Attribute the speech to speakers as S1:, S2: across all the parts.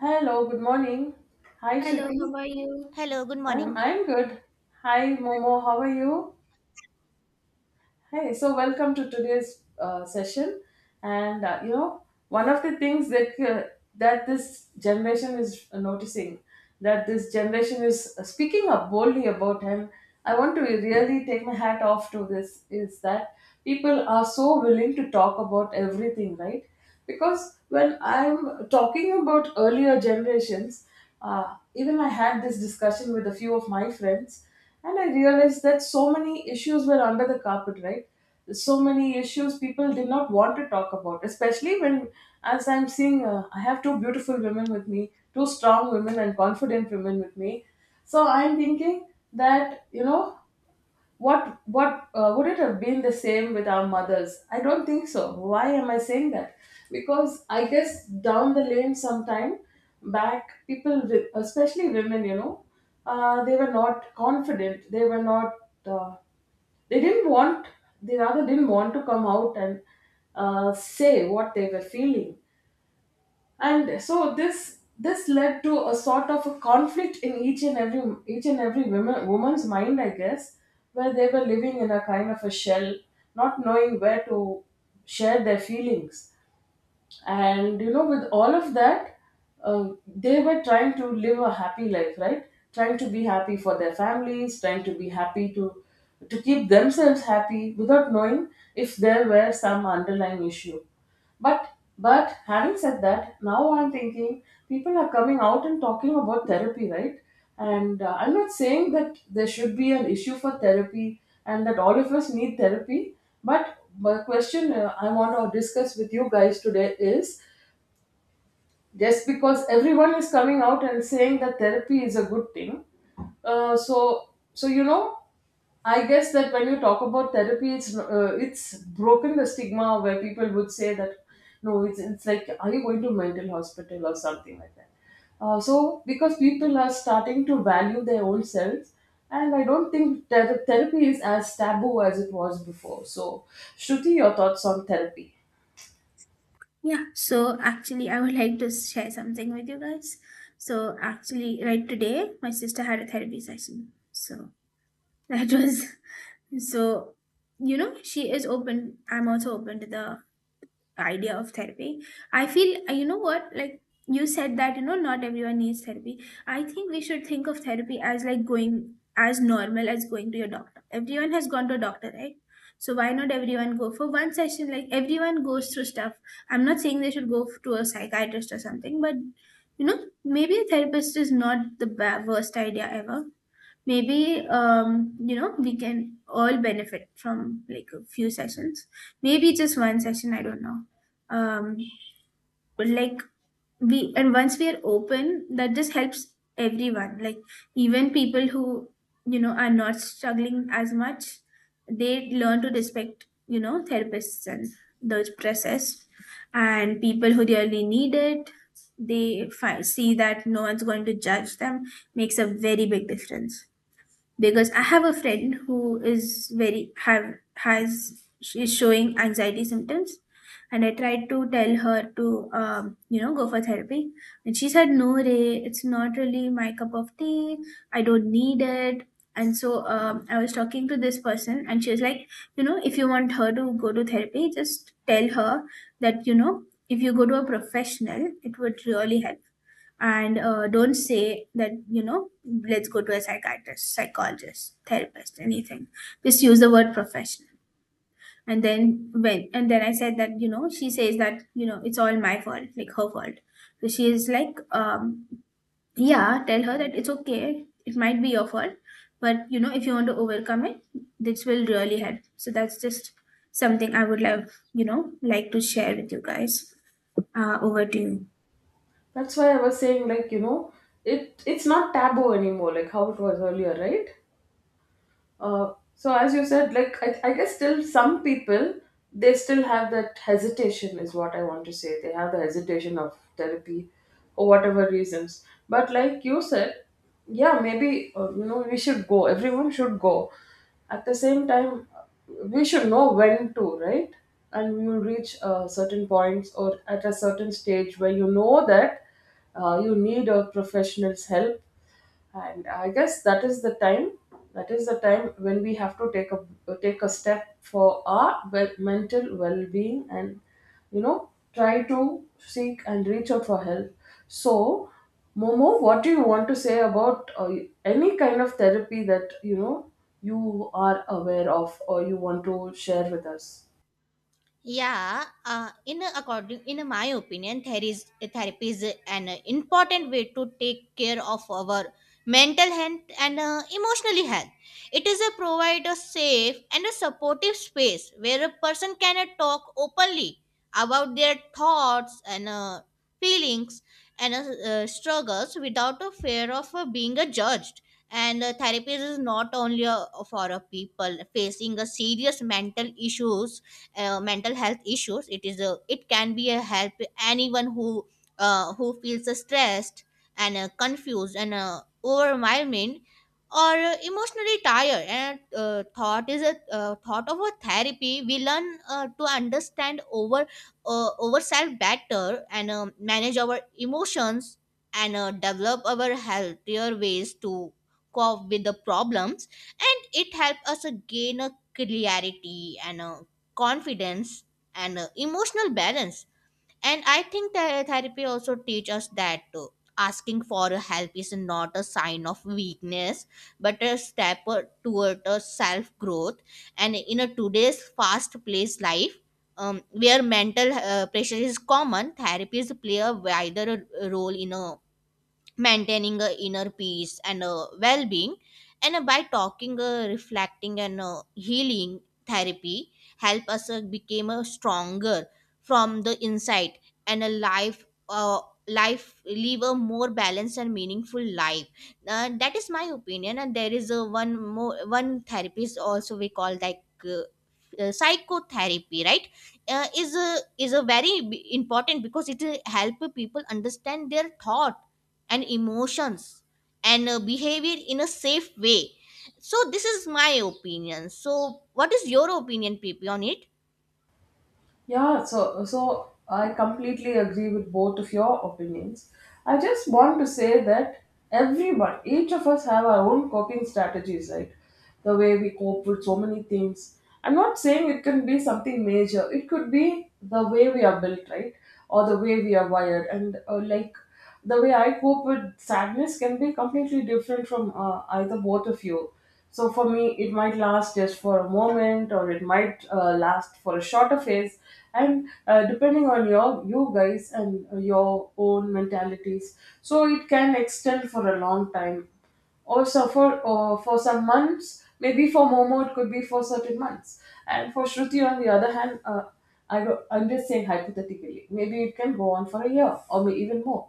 S1: Hello, good morning. Hi,
S2: Hello,
S1: Shruti.
S2: how are you?
S3: Hello, good
S1: I'm
S3: morning.
S1: I'm good. Hi, Momo. How are you? Hey, so welcome to today's session. And one of the things that that this generation is noticing, that this generation is speaking up boldly about, and I want to really take my hat off to this, is that people are so willing to talk about everything, right? Because when I'm talking about earlier generations, uh, even I had this discussion with a few of my friends, and I realized that so many issues were under the carpet, right? So many issues people did not want to talk about, especially when, as I'm seeing, I have two beautiful women with me, two strong women and confident women with me. So I'm thinking that you know what would it have been the same with our mothers? I don't think so. Why am I saying that? Because I guess down the lane sometime back, people especially women, you know, they were not confident, they were not, uh, they didn't want, they rather didn't want to come out and say what they were feeling. And so this led to a sort of a conflict in each and every, woman's mind, I guess, where they were living in a kind of a shell, not knowing where to share their feelings. And you know, with all of that, they were trying to live a happy life, right? Trying to be happy for their families, trying to be happy to keep themselves happy without knowing if there were some underlying issue. but but having said that, now I'm thinking people are coming out and talking about therapy, right? And I'm not saying that there should be an issue for therapy and that all of us need therapy. But my question, I want to discuss with you guys today is, just because everyone is coming out and saying that therapy is a good thing, uh, so so you know I guess that when you talk about therapy, it's it's broken the stigma, where people would say that no, it's like, are you going to mental hospital or something like that? So because people are starting to value their own selves, and I don't think that therapy is as taboo as it was before. So Shruti, your thoughts on therapy?
S2: Yeah, so actually, I would like to share something with you guys. So, actually, right today, my sister had a therapy session. So, that was so, you know, she is open. I'm also open to the idea of therapy. I feel, you know what, like you said that you know not everyone needs therapy. I think we should think of therapy as like going as normal as going to your doctor. Everyone has gone to a doctor, right? So why not everyone go for one session? Like everyone goes through stuff. I'm not saying they should to a psychiatrist or something, but you know maybe a therapist is not the worst idea ever. Maybe, you know, we can all benefit from like a few sessions, maybe just one session, I don't know. um like we and once we are open, that just helps everyone. Like even people who you know are not struggling as much, they learn to respect you know therapists and those process. And people who really need it, they see that no one's going to judge them. Makes a very big difference. Because I have a friend who is very have has she is showing anxiety symptoms, and I tried to tell her to, you know, go for therapy, and she said no, Ray, it's not really my cup of tea. I don't need it. And so, I was talking to this person, and she was like, you know, if you want her to go to therapy, just tell her that you know if you go to a professional, it would really help. And don't say that you know let's go to a psychiatrist, psychologist, therapist, anything. Just use the word professional. And then when and then I said that you know she says that you know it's all my fault like her fault. So she is like, yeah, tell her that it's okay, it might be your fault, but you know if you want to overcome it, this will really help. So that's just something I would love you know like to share with you guys. Over to you.
S1: That's why I was saying, like, you know, it's not taboo anymore, like how it was earlier, right? So as you said, like I guess still some people, they still have that hesitation, is what I want to say. They have the hesitation of therapy or whatever reasons. But like you said, yeah, maybe you know, we should go. Everyone should go. At the same time, we should know when to, right? And we will reach certain points or at a certain stage where you know that you need a professional's help. And I guess that is the time, when we have to take a, take a step for our, well, mental well-being, and you know, try to seek and reach out for help. So Momo, what do you want to say about any kind of therapy that you know you are aware of or you want to share with us?
S3: According in my opinion, there is therapy is an important way to take care of our mental health and emotionally health. It is a provide a safe and a supportive space where a person can talk openly about their thoughts and feelings and struggles without a fear of being judged. And therapy is not only for people facing a serious mental health issues. It is a it can be a help anyone who feels stressed and confused and overwhelmed or emotionally tired and thought of a therapy we learn to understand over ourselves better and manage our emotions and develop our healthier ways to cope with the problems, and it helps us gain a clarity and confidence and emotional balance. And I think that therapy also teach us that asking for help is not a sign of weakness but a step toward a self growth. And in a today's fast paced life, where mental pressure is common, therapies play a wider role in a maintaining a inner peace and a well-being. And by talking, reflecting and healing, therapy help us become stronger from the inside and a life life live a more balanced and meaningful life. That is my opinion. And there is a one more one therapist also we call like psychotherapy, right? Is a very important because it help people understand their thought and emotions and behavior in a safe way. So this is my opinion. So what is your opinion, P P, on it?
S1: Yeah, so I completely agree with both of your opinions. I just want to say that everyone, each of us have our own coping strategies, right? The way we cope with so many things. I'm not saying it can be something major. It could be the way we are built, right? Or the way we are wired. And like, the way I cope with sadness can be completely different from either both of you. So for me, it might last just for a moment, or it might last for a shorter phase, and depending on your, you guys, and your own mentalities, so it can extend for a long time. Also for some months, maybe for Momo it could be for certain months, and for Shruti on the other hand, I do, I'm just saying hypothetically, maybe it can go on for a year or may even more.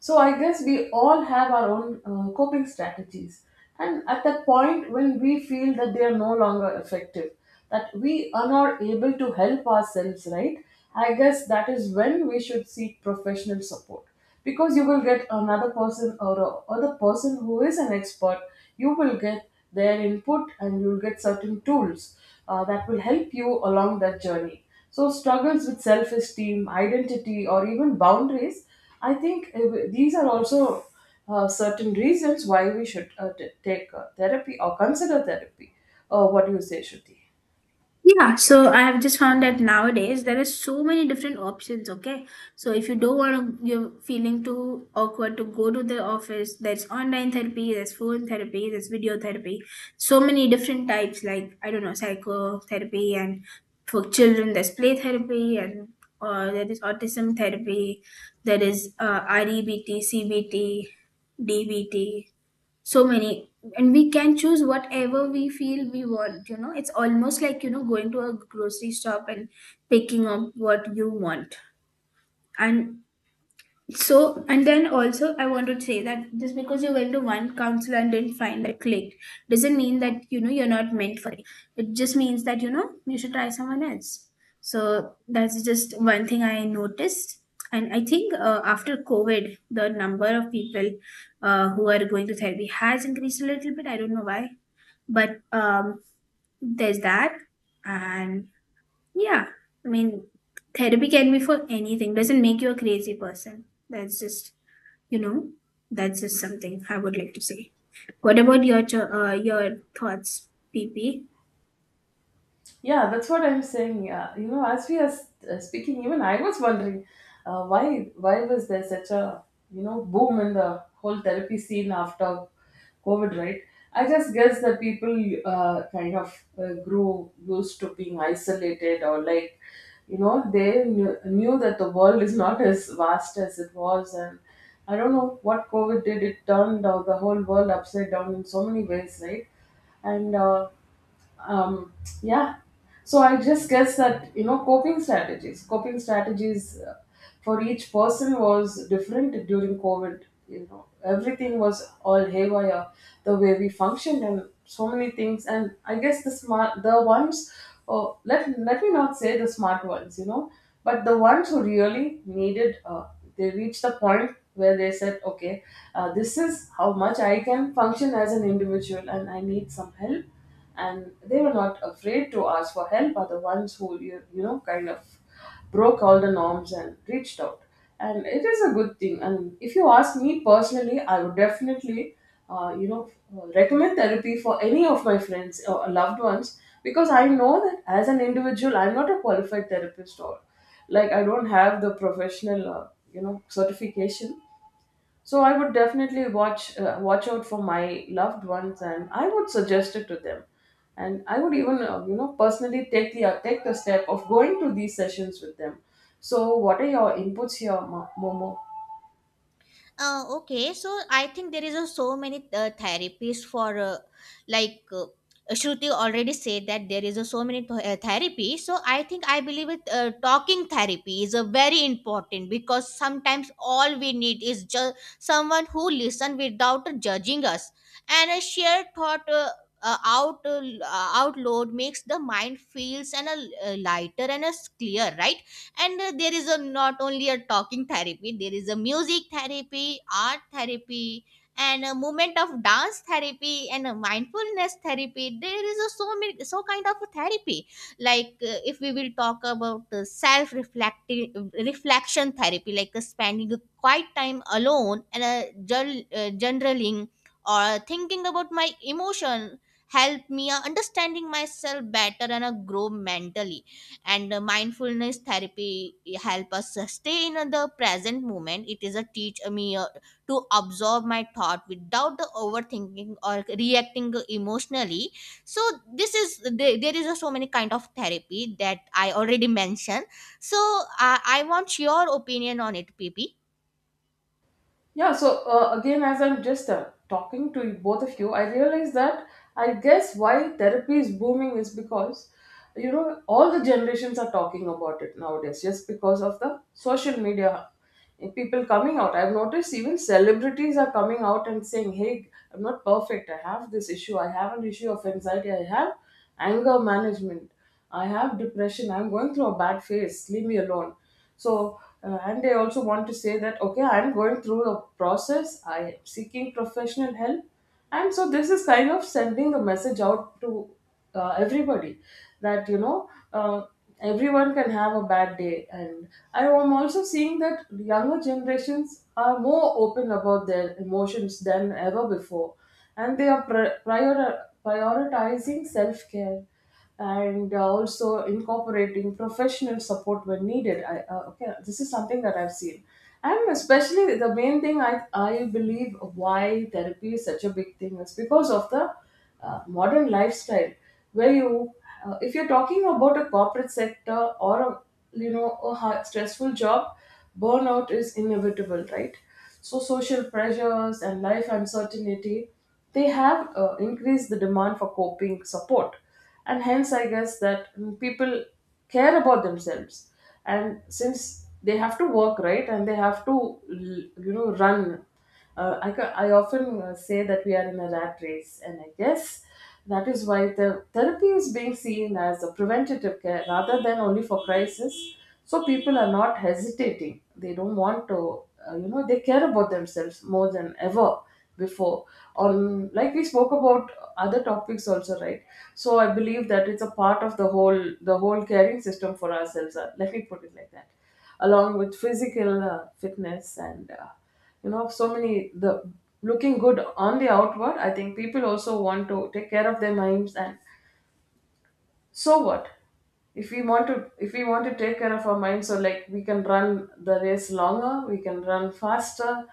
S1: So I guess we all have our own coping strategies. And at the point when we feel that they are no longer effective, that we are not able to help ourselves, right? I guess that is when we should seek professional support, because you will get another person or a other person who is an expert. You will get their input and you'll get certain tools that will help you along that journey. So struggles with self-esteem, identity, or even boundaries, I think these are also certain reasons why we should take therapy or consider therapy. What do you say, Shruti?
S2: Yeah, so I have just found that nowadays there are so many different options. Okay, so if you don't want to, you're feeling too awkward to go to the office, there's online therapy, there's phone therapy, there's video therapy, so many different types, like I don't know, psychotherapy, and for children, there's play therapy, and there is autism therapy, there is REBT, so many, and we can choose whatever we feel we want. You know it's almost like you know going to a grocery shop and picking up what you want. And so, and then also, I want to say that just because you went to one council and didn't find that clicked doesn't mean that you know you're not meant for it. It just means that you know you should try someone else. So, that's just one thing I noticed. And I think, after COVID, the number of people who are going to therapy has increased a little bit. I don't know why, but there's that. And yeah, I mean, therapy can be for anything, doesn't make you a crazy person. That's just you know, that's just something I would like to say. What about your your thoughts, PP?
S1: Yeah, that's what I'm saying. Yeah, you know, as we are speaking, even I was wondering why was there such a, you know, boom in the whole therapy scene after COVID, right? I just guess that people kind of grew used to being isolated, or like, you know, they knew that the world is not as vast as it was. And I don't know what COVID did, it turned the whole world upside down in so many ways, right? And um, yeah, so I just guess that you know, coping strategies for each person was different during COVID. You know, everything was all haywire, the way we functioned and so many things. And I guess the ones oh, let, let me not say the smart ones, you know, but the ones who really needed, they reached the point where they said, okay, this is how much I can function as an individual and I need some help. And they were not afraid to ask for help, are the ones who you know, kind of broke all the norms and reached out. And it is a good thing, and if you ask me personally, I would definitely uh, you know recommend therapy for any of my friends or loved ones, because I know that as an individual, I'm not a qualified therapist, or like, I don't have the professional certification. So I would definitely watch out for my loved ones, and I would suggest it to them. And I would even you know, personally take the step of going to these sessions with them. So what are your inputs here, Momo?
S3: Okay, so I think there is a so many therapies for like uh, Shruti already said that there is a so many therapy. So I think I believe it, talking therapy is a very important because sometimes all we need is just someone who listen without judging us and a shared thought. Out outload makes the mind feels and a lighter and as clear, right? And there is a not only a talking therapy, there is a music therapy, art therapy, and a movement of dance therapy and a mindfulness therapy. There is a so many so kind of a therapy like if we will talk about self reflective reflection therapy like spending a quiet time alone and journaling or thinking about my emotion help me understanding myself better and grow mentally. And mindfulness therapy help us stay in the present moment. It is a teach me to absorb my thought without the overthinking or reacting emotionally. So this is there is a so many kind of therapy that I already mentioned. So I want your opinion on it, PP.
S1: Yeah, so again, as I'm just talking to you, both of you, I realize that I guess why therapy is booming is because, you know, all the generations are talking about it nowadays, just because of the social media and people coming out. I've noticed even celebrities are coming out and saying, hey, I'm not perfect. I have this issue. I have an issue of anxiety. I have anger management. I have depression. I'm going through a bad phase. Leave me alone. So, and I also want to say that okay, I'm going through a process. I am seeking professional help, and so this is kind of sending a message out to everybody, that you know, everyone can have a bad day. And I am also seeing that younger generations are more open about their emotions than ever before, and they are prioritizing self care, and also incorporating professional support when needed. Okay, this is something that I've seen. And especially the main thing I believe why therapy is such a big thing is because of the modern lifestyle, where you, if you're talking about a corporate sector or a, you know, a hard, stressful job, burnout is inevitable, right? So social pressures and life uncertainty, they have increased the demand for coping support. And hence I guess that people care about themselves, and since they have to work, right? And they have to, you know, run, I often say that we are in a rat race, and I guess that is why the therapy is being seen as a preventative care rather than only for crisis. So people are not hesitating, they don't want to, you know, they care about themselves more than ever before, or like we spoke about other topics also, right? So I believe that it's a part of the whole caring system for ourselves, let me put it like that, along with physical fitness and you know, so many, the looking good on the outward. I think people also want to take care of their minds. And so what, if we want to take care of our mind, so like we can run the race longer, we can run faster,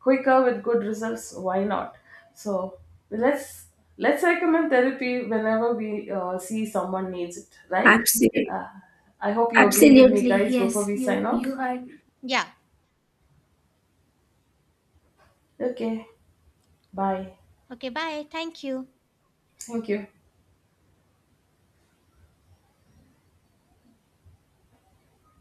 S1: quicker, with good results, why not? So let's let's recommend therapy whenever we see someone needs it, right?
S2: Absolutely.
S1: uh, I hope you agree with me
S2: Absolutely,
S1: guys before
S2: yes.
S1: we sign
S2: You
S1: off.
S2: are
S3: Yeah.
S1: Okay, bye.
S3: Okay, bye. Thank you.
S1: Thank you.